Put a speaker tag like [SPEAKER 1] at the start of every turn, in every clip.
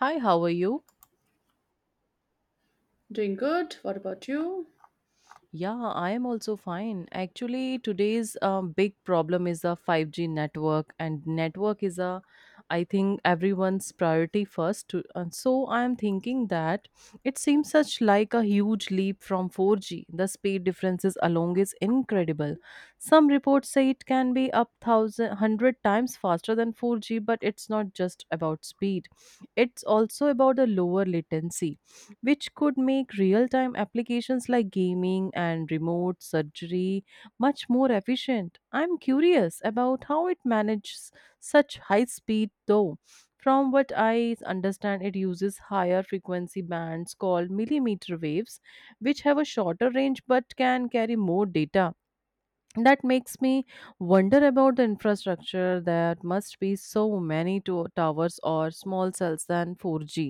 [SPEAKER 1] Hi, how are you?
[SPEAKER 2] Doing good. What about you?
[SPEAKER 1] Yeah, I am also fine. Actually, today's big problem is the 5G network, and network is a, I think, everyone's priority first. And so I am thinking that it seems such like a huge leap from 4G. The speed differences alone is incredible. Some reports say it can be up thousand hundred times faster than 4G, but it's not just about speed. It's also about the lower latency which could make real time applications like gaming and remote surgery much more efficient. I'm curious about how it manages such high speed, though. From what I understand, it uses higher frequency bands called millimeter waves, which have a shorter range but can carry more data that makes me wonder about the infrastructure that must be so many towers or small cells than 4G.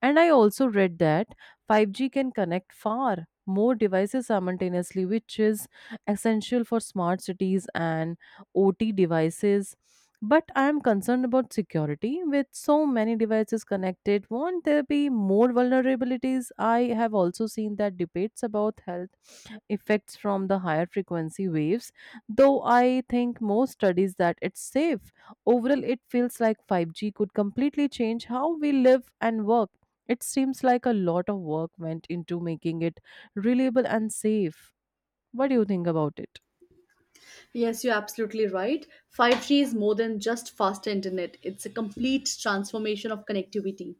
[SPEAKER 1] And I also read that 5G can connect far more devices simultaneously, which is essential for smart cities and OT devices. But I am concerned about security. With so many devices connected, won't there be more vulnerabilities? I have also seen that debates about health effects from the higher frequency waves. Though I think most studies that it's safe. Overall, it feels like 5G could completely change how we live and work. It seems like a lot of work went into making it reliable and safe. What do you think about it?
[SPEAKER 2] Yes, you're absolutely right. 5G is more than just faster internet, it's a complete transformation of connectivity.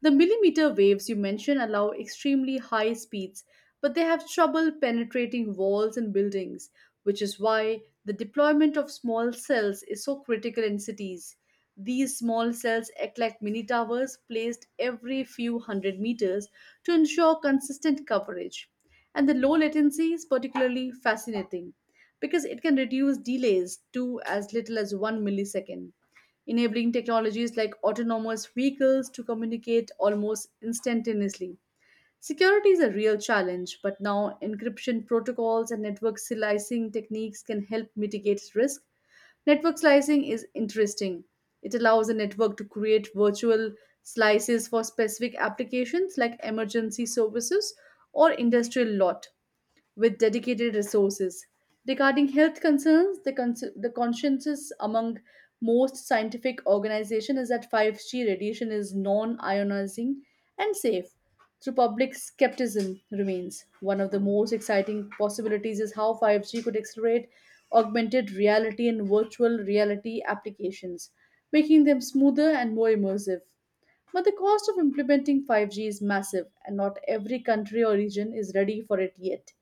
[SPEAKER 2] The millimeter waves you mentioned allow extremely high speeds, but they have trouble penetrating walls and buildings, which is why the deployment of small cells is so critical in cities. These small cells act like mini towers placed every few hundred meters to ensure consistent coverage. And the low latency is particularly fascinating because it can reduce delays to as little as one millisecond enabling technologies like autonomous vehicles to communicate almost instantaneously. Security is a real challenge, but now encryption protocols and network slicing techniques can help mitigate risk. Network slicing is interesting. It allows a network to create virtual slices for specific applications like emergency services or industrial lot with dedicated resources. Regarding health concerns, the consensus among most scientific organizations is that 5G radiation is non ionizing and safe. Through public skepticism remains. One of the most exciting possibilities is how 5G could accelerate augmented reality and virtual reality applications, making them smoother and more immersive. But the cost of implementing 5G is massive, and not every country or region is ready for it yet.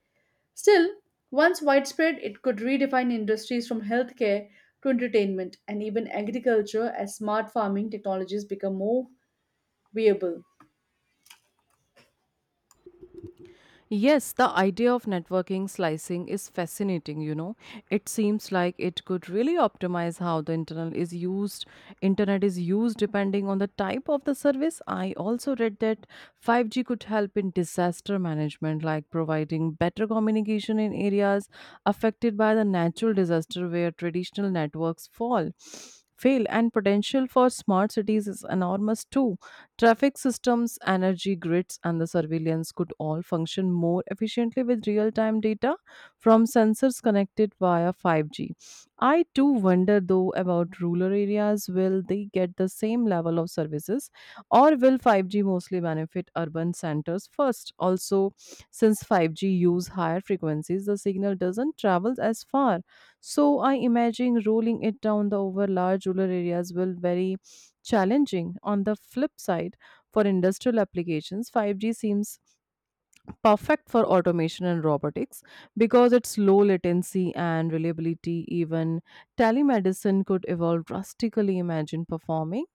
[SPEAKER 2] Still, once widespread, it could redefine industries from healthcare to entertainment and even agriculture as smart farming technologies become more viable.
[SPEAKER 1] Yes, the idea of networking slicing is fascinating. It seems like it could really optimize how the internet is used. Internet is used depending on the type of the service. I also read that 5G could help in disaster management like providing better communication in areas affected by the natural disaster where traditional networks fall. Fail and potential for smart cities is enormous too. Traffic systems, energy grids, and the surveillance could all function more efficiently with real time data from sensors connected via 5G. I too wonder though about rural areas. Will they get the same level of services or will 5G mostly benefit urban centers first? Also, since 5G use higher frequencies, the signal doesn't travel as far. So I imagine rolling it down the over large rural areas will vary challenging. On the flip side, for industrial applications, 5G seems perfect for automation and robotics because its low latency and reliability. Even telemedicine could evolve drastically, imagine performing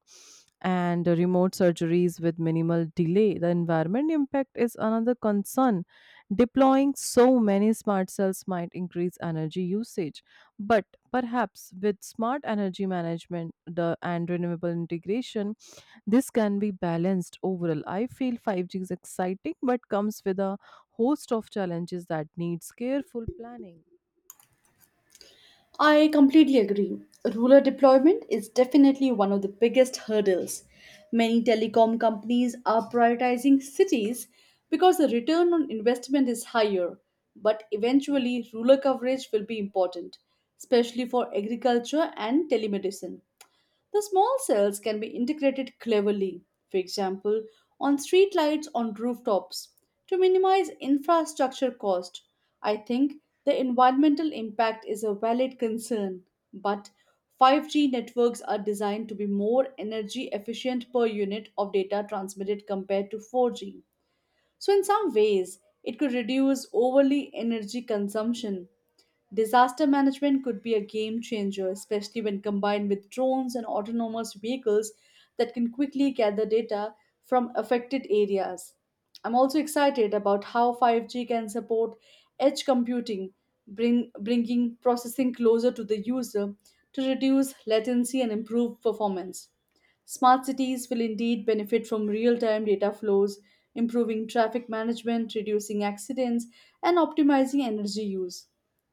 [SPEAKER 1] and remote surgeries with minimal delay. The environment impact is another concern. Deploying so many smart cells might increase energy usage, but perhaps with smart energy management and renewable integration, this can be balanced overall. I feel 5G is exciting but comes with a host of challenges that needs careful planning.
[SPEAKER 2] I completely agree. Rural deployment is definitely one of the biggest hurdles. Many telecom companies are prioritizing cities because the return on investment is higher, but eventually, rural coverage will be important, especially for agriculture and telemedicine. The small cells can be integrated cleverly, for example, on streetlights on rooftops, to minimize infrastructure cost. I think the environmental impact is a valid concern, but 5G networks are designed to be more energy efficient per unit of data transmitted compared to 4G. So, in some ways, it could reduce overly energy consumption. Disaster management could be a game changer, especially when combined with drones and autonomous vehicles that can quickly gather data from affected areas. I'm also excited about how 5G can support edge computing, bringing processing closer to the user to reduce latency and improve performance. Smart cities will indeed benefit from real time data flows, improving traffic management, reducing accidents, and optimizing energy use.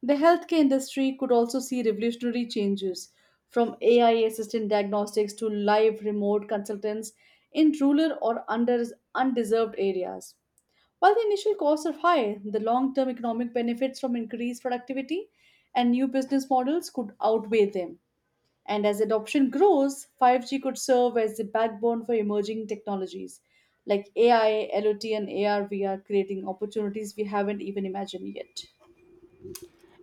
[SPEAKER 2] The healthcare industry could also see revolutionary changes from AI assisted diagnostics to live remote consultants in rural or undeserved areas. While the initial costs are high, the long term economic benefits from increased productivity and new business models could outweigh them. And as adoption grows, 5G could serve as the backbone for emerging technologies like AI, LOT, and AR VR, creating opportunities we haven't even imagined yet.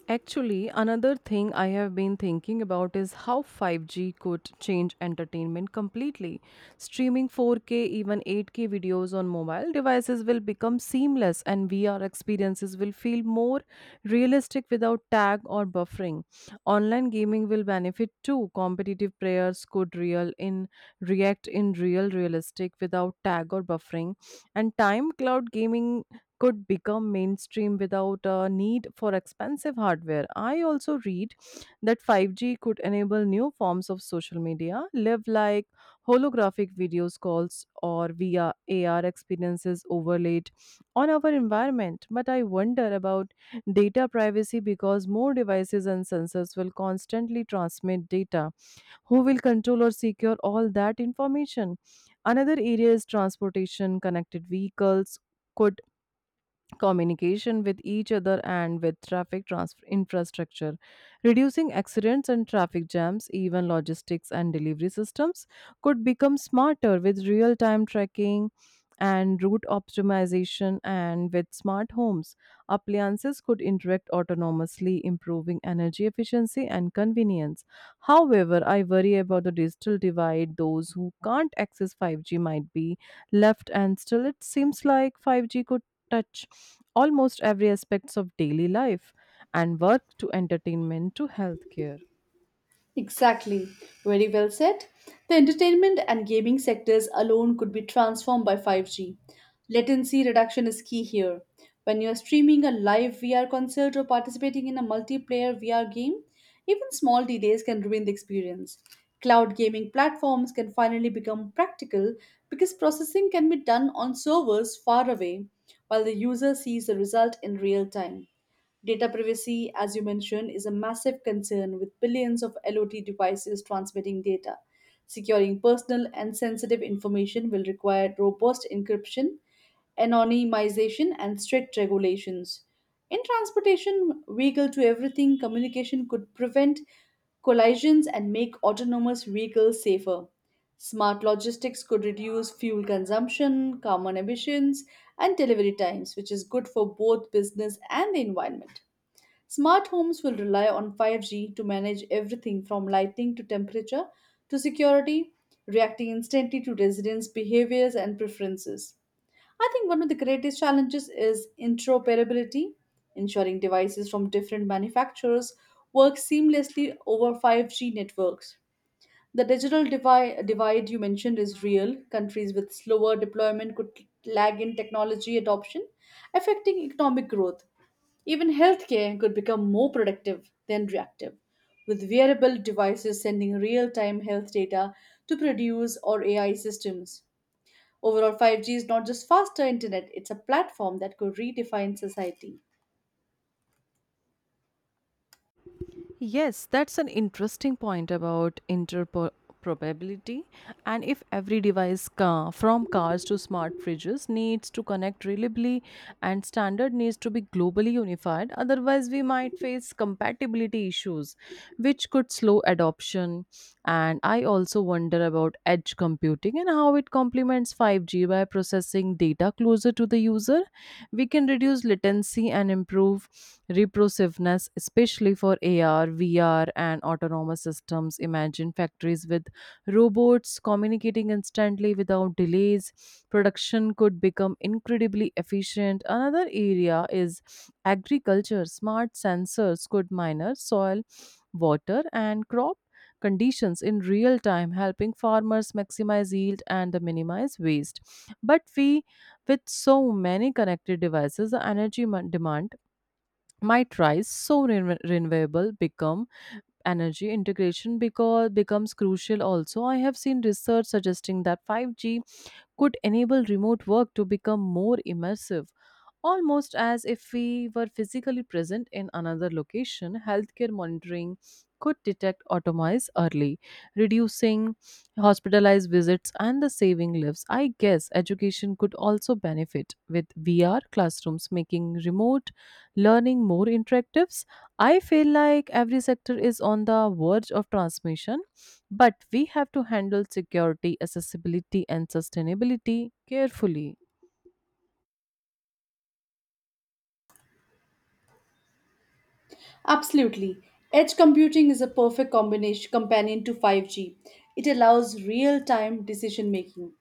[SPEAKER 1] Actually, another thing I have been thinking about is how 5G could change entertainment completely. Streaming 4K, even 8K videos on mobile devices will become seamless, and VR experiences will feel more realistic without tag or buffering. Online gaming will benefit too. Competitive players could real in react in real realistic without tag or buffering, and time cloud gaming could become mainstream without a need for expensive hardware. I also read that 5G could enable new forms of social media, live like holographic videos calls or VR AR experiences overlaid on our environment. But I wonder about data privacy because more devices and sensors will constantly transmit data. Who will control or secure all that information? Another area is transportation, connected vehicles. Could communication with each other and with traffic infrastructure reducing accidents and traffic jams even logistics and delivery systems could become smarter with real time tracking and route optimization and with smart homes appliances could interact autonomously improving energy efficiency and convenience. However, I worry about the digital divide those who can't access 5G might be left and still it seems like 5G could touch almost every aspects of daily life and work to entertainment to healthcare.
[SPEAKER 2] Exactly. Very well said. The entertainment and gaming sectors alone could be transformed by 5G. Latency reduction is key here. When you're streaming a live VR concert or participating in a multiplayer VR game, even small delays can ruin the experience. Cloud gaming platforms can finally become practical because processing can be done on servers far away while the user sees the result in real time. Data privacy, as you mentioned, is a massive concern with billions of LOT devices transmitting data. Securing personal and sensitive information will require robust encryption, anonymization, and strict regulations. In transportation, vehicle to everything communication could prevent collisions and make autonomous vehicles safer. Smart logistics could reduce fuel consumption, carbon emissions, and delivery times, which is good for both business and the environment. Smart homes will rely on 5G to manage everything from lighting to temperature to security, reacting instantly to residents' behaviors and preferences. I think one of the greatest challenges is interoperability, ensuring devices from different manufacturers work seamlessly over 5G networks. The digital divide you mentioned is real. Countries with slower deployment could lag in technology adoption, affecting economic growth. Even healthcare could become more predictive than reactive, with wearable devices sending real time health data to produce or AI systems. Overall, 5G is not just faster internet, it's a platform that could redefine society.
[SPEAKER 1] Yes, that's an interesting point about interoperability. And if every device, car, from cars to smart fridges, needs to connect reliably and standard needs to be globally unified, otherwise, we might face compatibility issues, which could slow adoption. And I also wonder about edge computing and how it complements 5G by processing data closer to the user we can reduce latency and improve reprosiveness, especially for AR, VR, and autonomous systems. Imagine factories with robots communicating instantly without delays. Production could become incredibly efficient. Another area is agriculture. Smart sensors could monitor soil water, and crop conditions in real time, helping farmers maximize yield and minimize waste. But we, with so many connected devices, the energy demand might rise. So renewable become energy integration because becomes crucial. Also, I have seen research suggesting that 5G could enable remote work to become more immersive almost as if we were physically present in another location. Healthcare monitoring could detect automize early, reducing hospitalized visits and the saving lives. I guess education could also benefit with VR classrooms making remote learning more interactive. I feel like every sector is on the verge of transmission, but we have to handle security, accessibility, and sustainability carefully.
[SPEAKER 2] Absolutely. Edge computing is a perfect combination companion to 5G. It allows real-time decision making,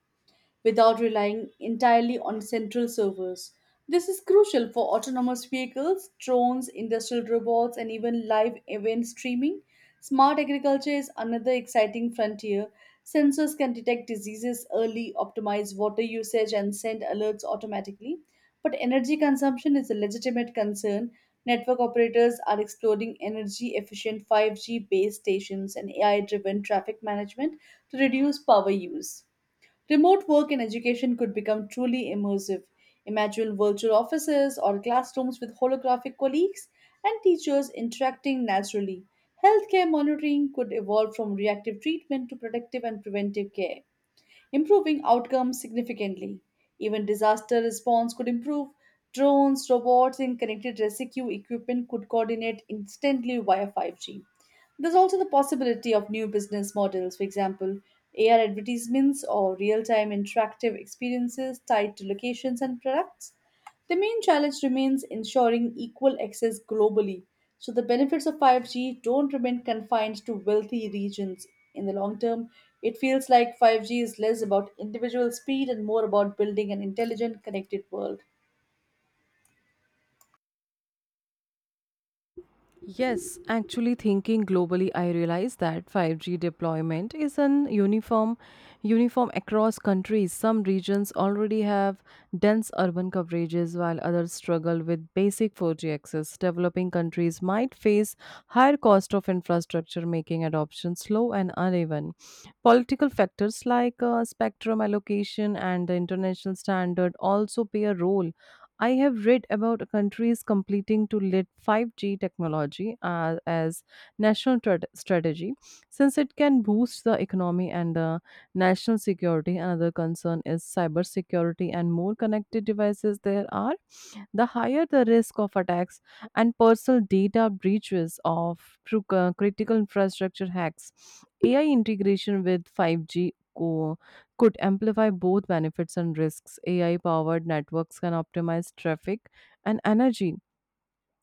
[SPEAKER 2] without relying entirely on central servers. This is crucial for autonomous vehicles, drones, industrial robots, and even live event streaming. Smart agriculture is another exciting frontier. Sensors can detect diseases early, optimize water usage, and send alerts automatically. But energy consumption is a legitimate concern. Network operators are exploring energy efficient 5G base stations and AI driven traffic management to reduce power use. Remote work in education could become truly immersive. Imagine virtual offices or classrooms with holographic colleagues and teachers interacting naturally. Healthcare monitoring could evolve from reactive treatment to predictive and preventive care improving outcomes significantly. Even disaster response could improve. Drones, robots, and connected rescue equipment could coordinate instantly via 5G. There's also the possibility of new business models, for example, AR advertisements or real time interactive experiences tied to locations and products. The main challenge remains ensuring equal access globally, so the benefits of 5G don't remain confined to wealthy regions. In the long term, it feels like 5G is less about individual speed and more about building an intelligent, connected world.
[SPEAKER 1] Yes, actually thinking globally, I realize that 5G deployment is an uniform across countries. Some regions already have dense urban coverages while others struggle with basic 4G access. Developing countries might face higher cost of infrastructure making adoption slow and uneven. Political factors like spectrum allocation and the international standard also play a role. I have read about countries completing to let 5G technology as national strategy since it can boost the economy and national security. Another concern is cybersecurity and more connected devices there are the higher the risk of attacks and personal data breaches of through critical infrastructure hacks. AI integration with 5G co- could amplify both benefits and risks. AI powered networks can optimize traffic and energy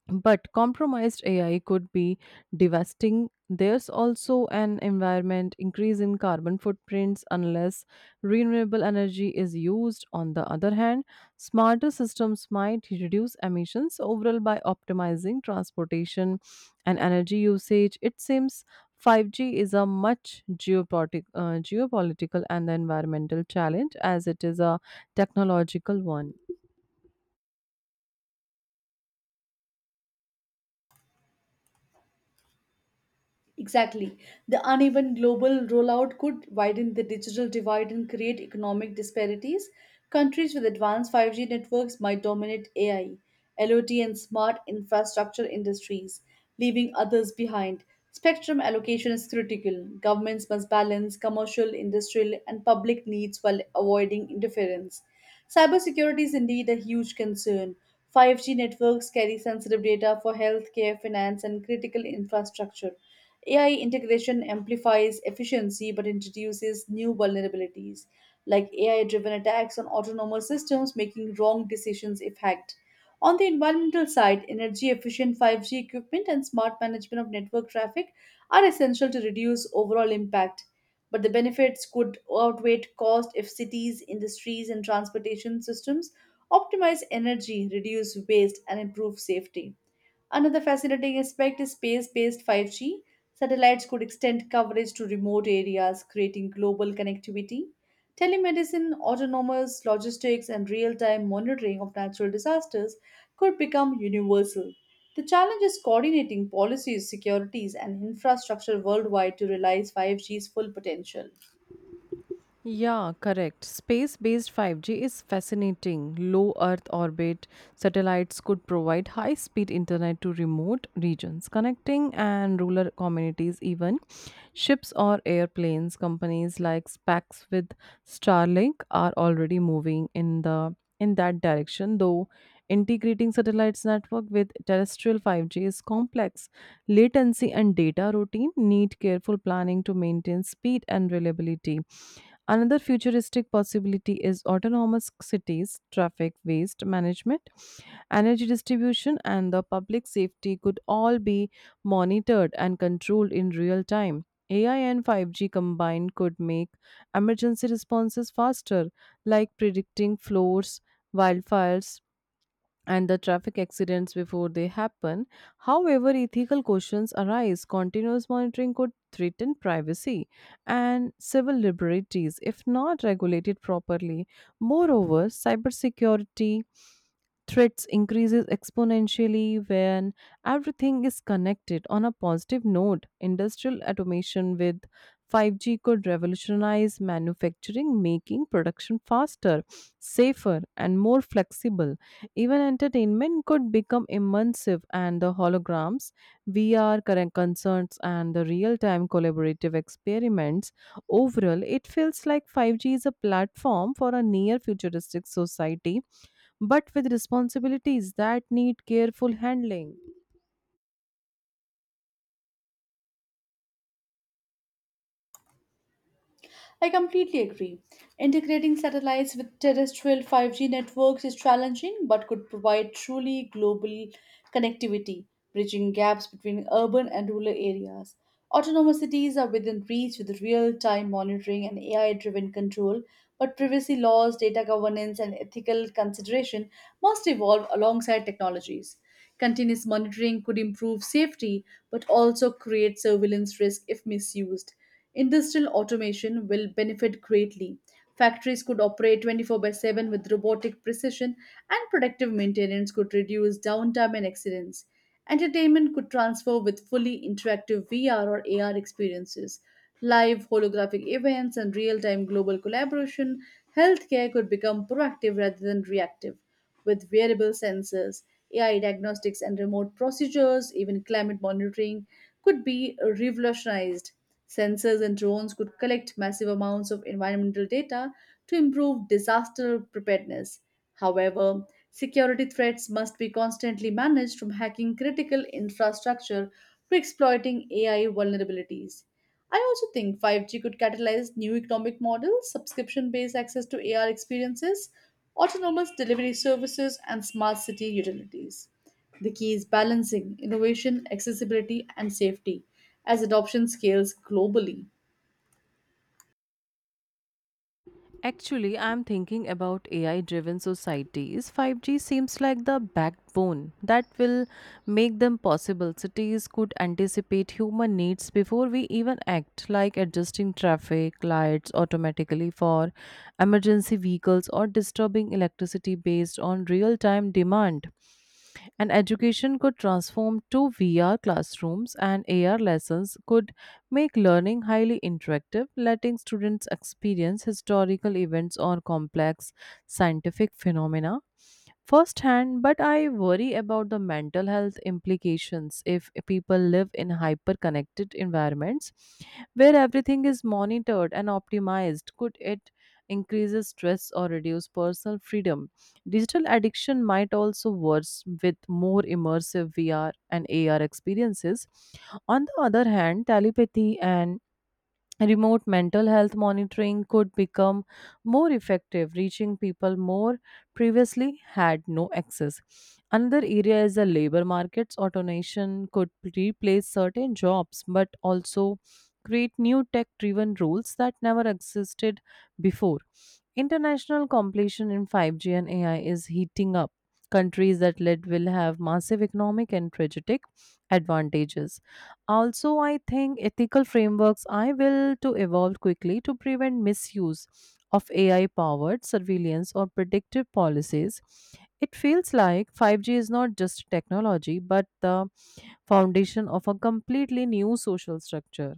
[SPEAKER 1] but compromised AI could be devastating. There's also an environment increase in carbon footprints unless renewable energy is used. On the other hand, smarter systems might reduce emissions overall by optimizing transportation and energy usage. It seems 5G is a much geopolitical and the environmental challenge as it is a technological one.
[SPEAKER 2] Exactly. The uneven global rollout could widen the digital divide and create economic disparities. Countries with advanced 5G networks might dominate AI, LOT, and smart infrastructure industries, leaving others behind. Spectrum allocation is critical. Governments must balance commercial, industrial, and public needs while avoiding interference. Cybersecurity is indeed a huge concern. 5G networks carry sensitive data for healthcare, finance, and critical infrastructure. AI integration amplifies efficiency but introduces new vulnerabilities, like AI driven attacks on autonomous systems making wrong decisions if hacked. On the environmental side, energy efficient 5G equipment and smart management of network traffic are essential to reduce overall impact, but the benefits could outweigh cost if cities, industries, and transportation systems optimize energy, reduce waste, and improve safety. Another fascinating aspect is space based 5G. Satellites could extend coverage to remote areas, creating global connectivity. Telemedicine, autonomous logistics, and real time monitoring of natural disasters could become universal. The challenge is coordinating policies, securities, and infrastructure worldwide to realize 5G's full potential.
[SPEAKER 1] Yeah, correct. Space based 5G is fascinating. Low Earth orbit satellites could provide high speed internet to remote regions, connecting and rural communities, even ships or airplanes. Companies like SpaceX with Starlink are already moving in the in that direction though integrating satellites network with terrestrial 5G is complex latency and data routine need careful planning to maintain speed and reliability. Another futuristic possibility is autonomous cities, traffic waste management, energy distribution, and the public safety could all be monitored and controlled in real time. AI and 5G combined could make emergency responses faster, like predicting floors, wildfires, and the traffic accidents before they happen. However, ethical questions arise. Continuous monitoring could threaten privacy and civil liberties if not regulated properly. Moreover, cybersecurity threats increases exponentially when everything is connected. On a positive note industrial automation with 5G could revolutionize manufacturing, making production faster, safer, and more flexible. Even entertainment could become immersive, and the holograms, VR current concerts, and the real time collaborative experiments. Overall, it feels like 5G is a platform for a near futuristic society, but with responsibilities that need careful handling.
[SPEAKER 2] I completely agree. Integrating satellites with terrestrial 5G networks is challenging but could provide truly global connectivity, bridging gaps between urban and rural areas. Autonomous cities are within reach with real time monitoring and AI driven control, but privacy laws, data governance, and ethical consideration must evolve alongside technologies. Continuous monitoring could improve safety but also create surveillance risk if misused. Industrial automation will benefit greatly. Factories could operate 24 by 7 with robotic precision, and predictive maintenance could reduce downtime and accidents. Entertainment could transfer with fully interactive VR or AR experiences live holographic events, and real time global collaboration, healthcare could become proactive rather than reactive. With wearable sensors, AI diagnostics, and remote procedures, even climate monitoring could be revolutionized. Sensors and drones could collect massive amounts of environmental data to improve disaster preparedness. However, security threats must be constantly managed from hacking critical infrastructure to exploiting AI vulnerabilities. I also think 5G could catalyze new economic models, subscription based access to AR experiences, autonomous delivery services, and smart city utilities. The key is balancing innovation, accessibility, and safety as adoption scales globally.
[SPEAKER 1] Actually, I'm thinking about AI driven societies. 5G seems like the backbone that will make them possible. Cities could anticipate human needs before we even act, like adjusting traffic lights automatically for emergency vehicles or disturbing electricity based on real time demand. And education could transform to VR classrooms, and AR lessons could make learning highly interactive, letting students experience historical events or complex scientific phenomena firsthand. But I worry about the mental health implications if people live in hyper connected environments where everything is monitored and optimized. Could it increase stress or reduce personal freedom? Digital addiction might also worsen with more immersive VR and AR experiences. On the other hand, telepathy and remote mental health monitoring could become more effective, reaching people more previously had no access. Another area is the labor markets. Automation could replace certain jobs, but also create new tech driven roles that never existed before. International competition in 5G and AI is heating up. Countries that lead will have massive economic and strategic advantages. Also, I think ethical frameworks I will to evolve quickly to prevent misuse of AI powered surveillance or predictive policies. It feels like 5G is not just technology but the foundation of a completely new social structure.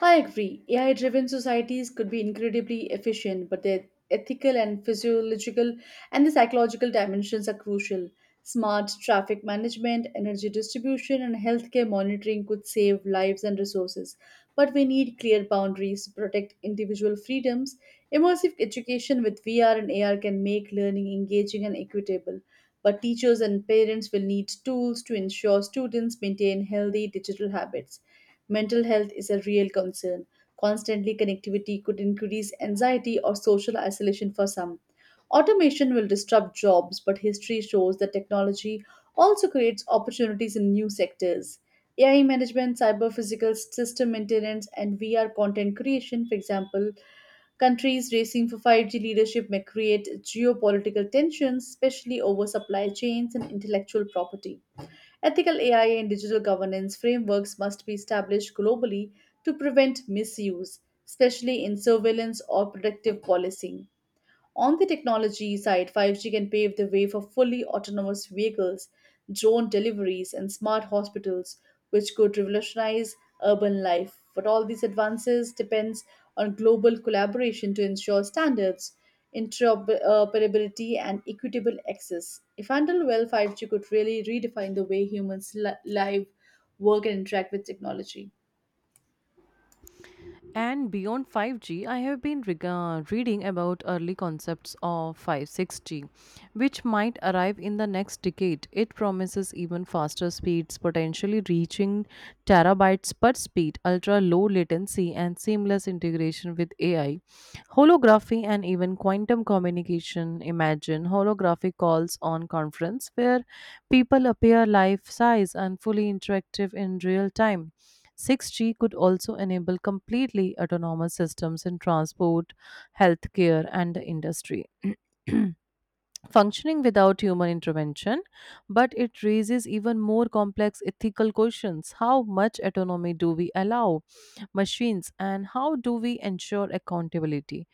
[SPEAKER 2] I agree. AI driven societies could be incredibly efficient, but their ethical and physiological and the psychological dimensions are crucial. Smart traffic management, energy distribution, and healthcare monitoring could save lives and resources. But we need clear boundaries to protect individual freedoms. Immersive education with VR and AR can make learning engaging and equitable. But teachers and parents will need tools to ensure students maintain healthy digital habits. Mental health is a real concern. Constantly connectivity could increase anxiety or social isolation for some. Automation will disrupt jobs, but history shows that technology also creates opportunities in new sectors. AI management, cyber physical system maintenance, and VR content creation, for example. Countries racing for 5G leadership may create geopolitical tensions, especially over supply chains and intellectual property. Ethical AI and digital governance frameworks must be established globally to prevent misuse, especially in surveillance or predictive policing. On the technology side, 5G can pave the way for fully autonomous vehicles, drone deliveries, and smart hospitals, which could revolutionize urban life. But all these advances depends on global collaboration to ensure standards, interoperability, and equitable access. If handled well, 5G could really redefine the way humans live, work, and interact with technology.
[SPEAKER 1] And beyond 5G, I have been reading about early concepts of 5 6G, which might arrive in the next decade. It promises even faster speeds, potentially reaching terabytes per speed, ultra low latency, and seamless integration with AI. Holography and even quantum communication. Imagine holographic calls on conference where people appear life size and fully interactive in real time. 6G could also enable completely autonomous systems in transport, healthcare, and the industry. Functioning without human intervention, but it raises even more complex ethical questions. How much autonomy do we allow machines, and how do we ensure accountability?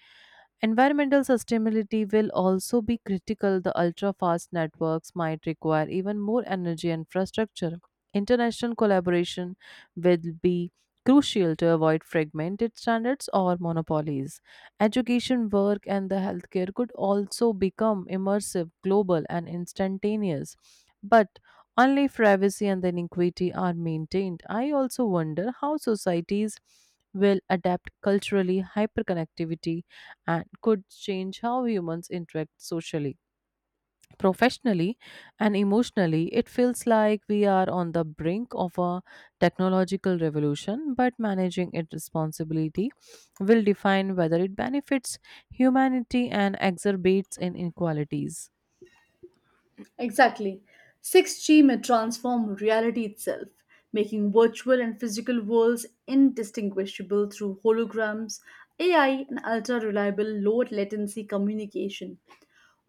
[SPEAKER 1] Environmental sustainability will also be critical. The ultra fast networks might require even more energy infrastructure. International collaboration will be crucial to avoid fragmented standards or monopolies. Education, work, and the healthcare could also become immersive, global, and instantaneous. But only if privacy and then equity are maintained. I also wonder how societies will adapt culturally hyperconnectivity and could change how humans interact socially, professionally, and emotionally. It feels like we are on the brink of a technological revolution, but managing it responsibility will define whether it benefits humanity and exacerbates inequalities.
[SPEAKER 2] Exactly. 6G may transform reality itself, making virtual and physical worlds indistinguishable through holograms, AI, and ultra reliable low latency communication.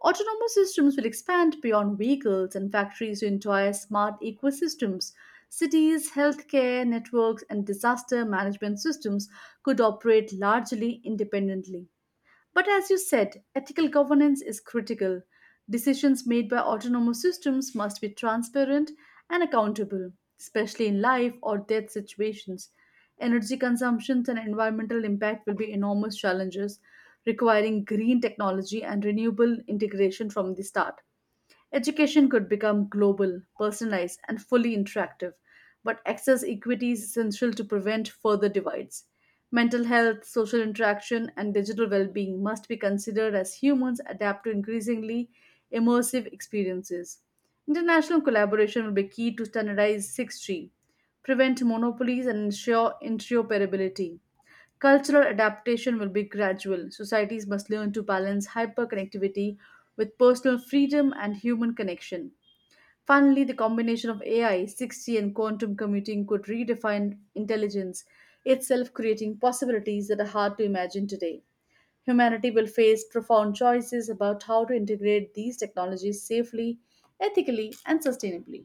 [SPEAKER 2] Autonomous systems will expand beyond vehicles and factories to entire smart ecosystems. Cities, healthcare networks, and disaster management systems could operate largely independently. But as you said, ethical governance is critical. Decisions made by autonomous systems must be transparent and accountable, especially in life or death situations. Energy consumptions and environmental impact will be enormous challenges, requiring green technology and renewable integration from the start. Education could become global, personalized, and fully interactive, but access equity is essential to prevent further divides. Mental health, social interaction, and digital well being must be considered as humans adapt to increasingly immersive experiences. International collaboration will be key to standardize 6G, prevent monopolies, and ensure interoperability. Cultural adaptation will be gradual. Societies must learn to balance hyperconnectivity with personal freedom and human connection. Finally, the combination of AI, 6G, and quantum computing could redefine intelligence itself, creating possibilities that are hard to imagine today. Humanity will face profound choices about how to integrate these technologies safely, ethically, and sustainably.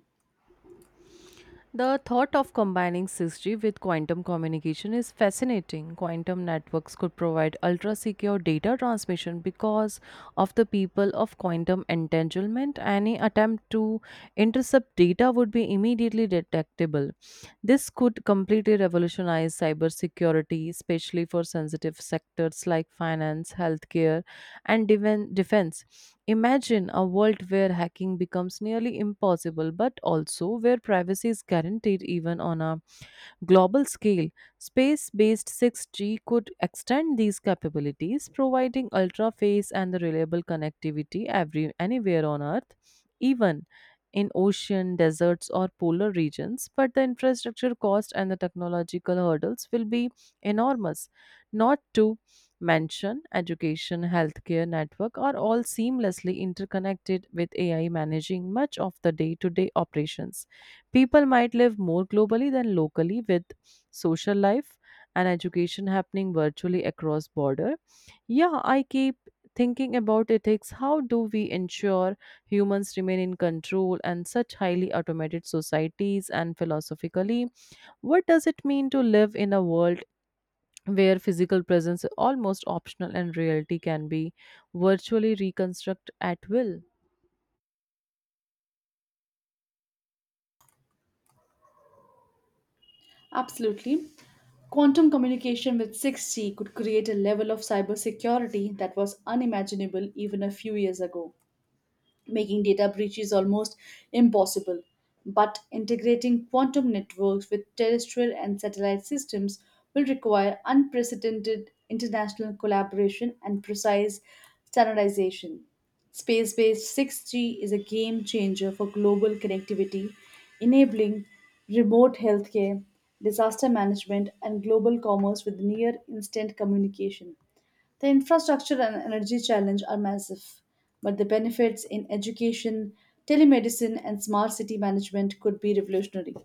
[SPEAKER 1] The thought of combining 6G with quantum communication is fascinating. Quantum networks could provide ultra secure data transmission because of the people of quantum entanglement. Any attempt to intercept data would be immediately detectable. This could completely revolutionize cybersecurity, especially for sensitive sectors like finance, healthcare, and defense. Imagine a world where hacking becomes nearly impossible, but also where privacy is guaranteed even on a global scale, space based 6G could extend these capabilities, providing ultra fast and the reliable connectivity anywhere on Earth, even in ocean, deserts, or polar regions. But the infrastructure cost and the technological hurdles will be enormous, not to mention education, healthcare network are all seamlessly interconnected with AI managing much of the day to day operations. People might live more globally than locally with social life and education happening virtually across border. Yeah, I keep thinking about ethics. How do we ensure humans remain in control and such highly automated societies and philosophically? What does it mean to live in a world where physical presence is almost optional and reality can be virtually reconstructed at will?
[SPEAKER 2] Absolutely. Quantum communication with 6G could create a level of cybersecurity that was unimaginable even a few years ago making data breaches almost impossible. But integrating quantum networks with terrestrial and satellite systems will require unprecedented international collaboration and precise standardization. Space based 6G is a game changer for global connectivity, enabling remote healthcare, disaster management, and global commerce with near instant communication. The infrastructure and energy challenge are massive, but the benefits in education, telemedicine, and smart city management could be revolutionary.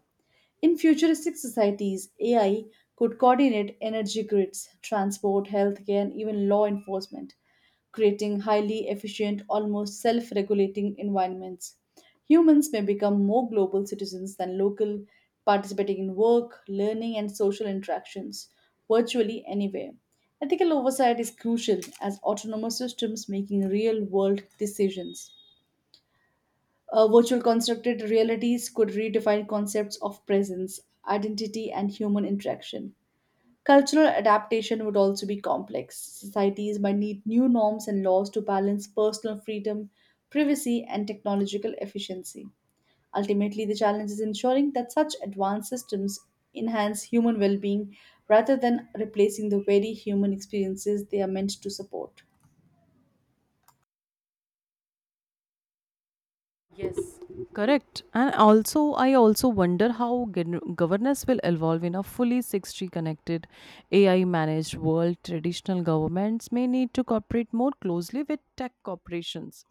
[SPEAKER 2] In futuristic societies, AI could coordinate energy grids, transport, healthcare, and even law enforcement, creating highly efficient, almost self regulating environments. Humans may become more global citizens than local, participating in work, learning, and social interactions virtually anywhere. Ethical oversight is crucial as autonomous systems making real world decisions. Virtual constructed realities could redefine concepts of presence, identity, and human interaction. Cultural adaptation would also be complex. Societies might need new norms and laws to balance personal freedom, privacy, and technological efficiency. Ultimately, the challenge is ensuring that such advanced systems enhance human well being rather than replacing the very human experiences they are meant to support.
[SPEAKER 1] Yes, correct. And also, I also wonder how governance will evolve in a fully 6G connected, AI managed world. Traditional governments may need to cooperate more closely with tech corporations,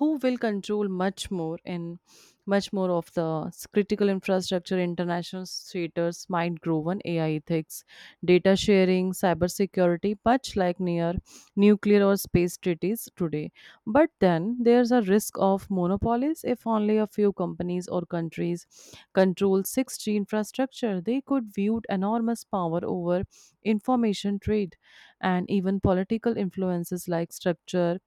[SPEAKER 1] who will control much more of the critical infrastructure. International theaters might grow on AI ethics, data sharing, cybersecurity, much like near nuclear or space treaties today. But then there's a risk of monopolies. If only a few companies or countries control 6G infrastructure, they could wield enormous power over information trade and even political influences like structure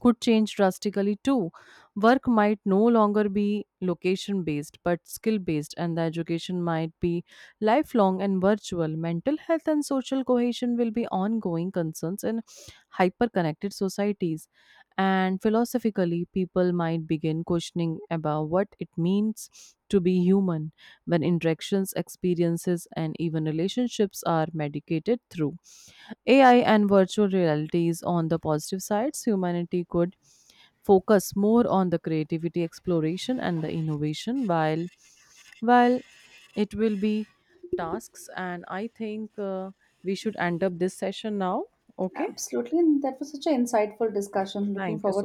[SPEAKER 1] could change drastically too. Work might no longer be location based but skill based, and the education might be lifelong and virtual. Mental health and social cohesion will be ongoing concerns in hyper connected societies. And philosophically, people might begin questioning about what it means to be human when interactions, experiences, and even relationships are medicated through AI and virtual realities on the positive sides, humanity could focus more on the creativity exploration and the innovation while it will be tasks and I think we should end up this session now. Okay,
[SPEAKER 2] Absolutely, and that was such an insightful discussion. Looking
[SPEAKER 1] thank you
[SPEAKER 2] forward
[SPEAKER 1] so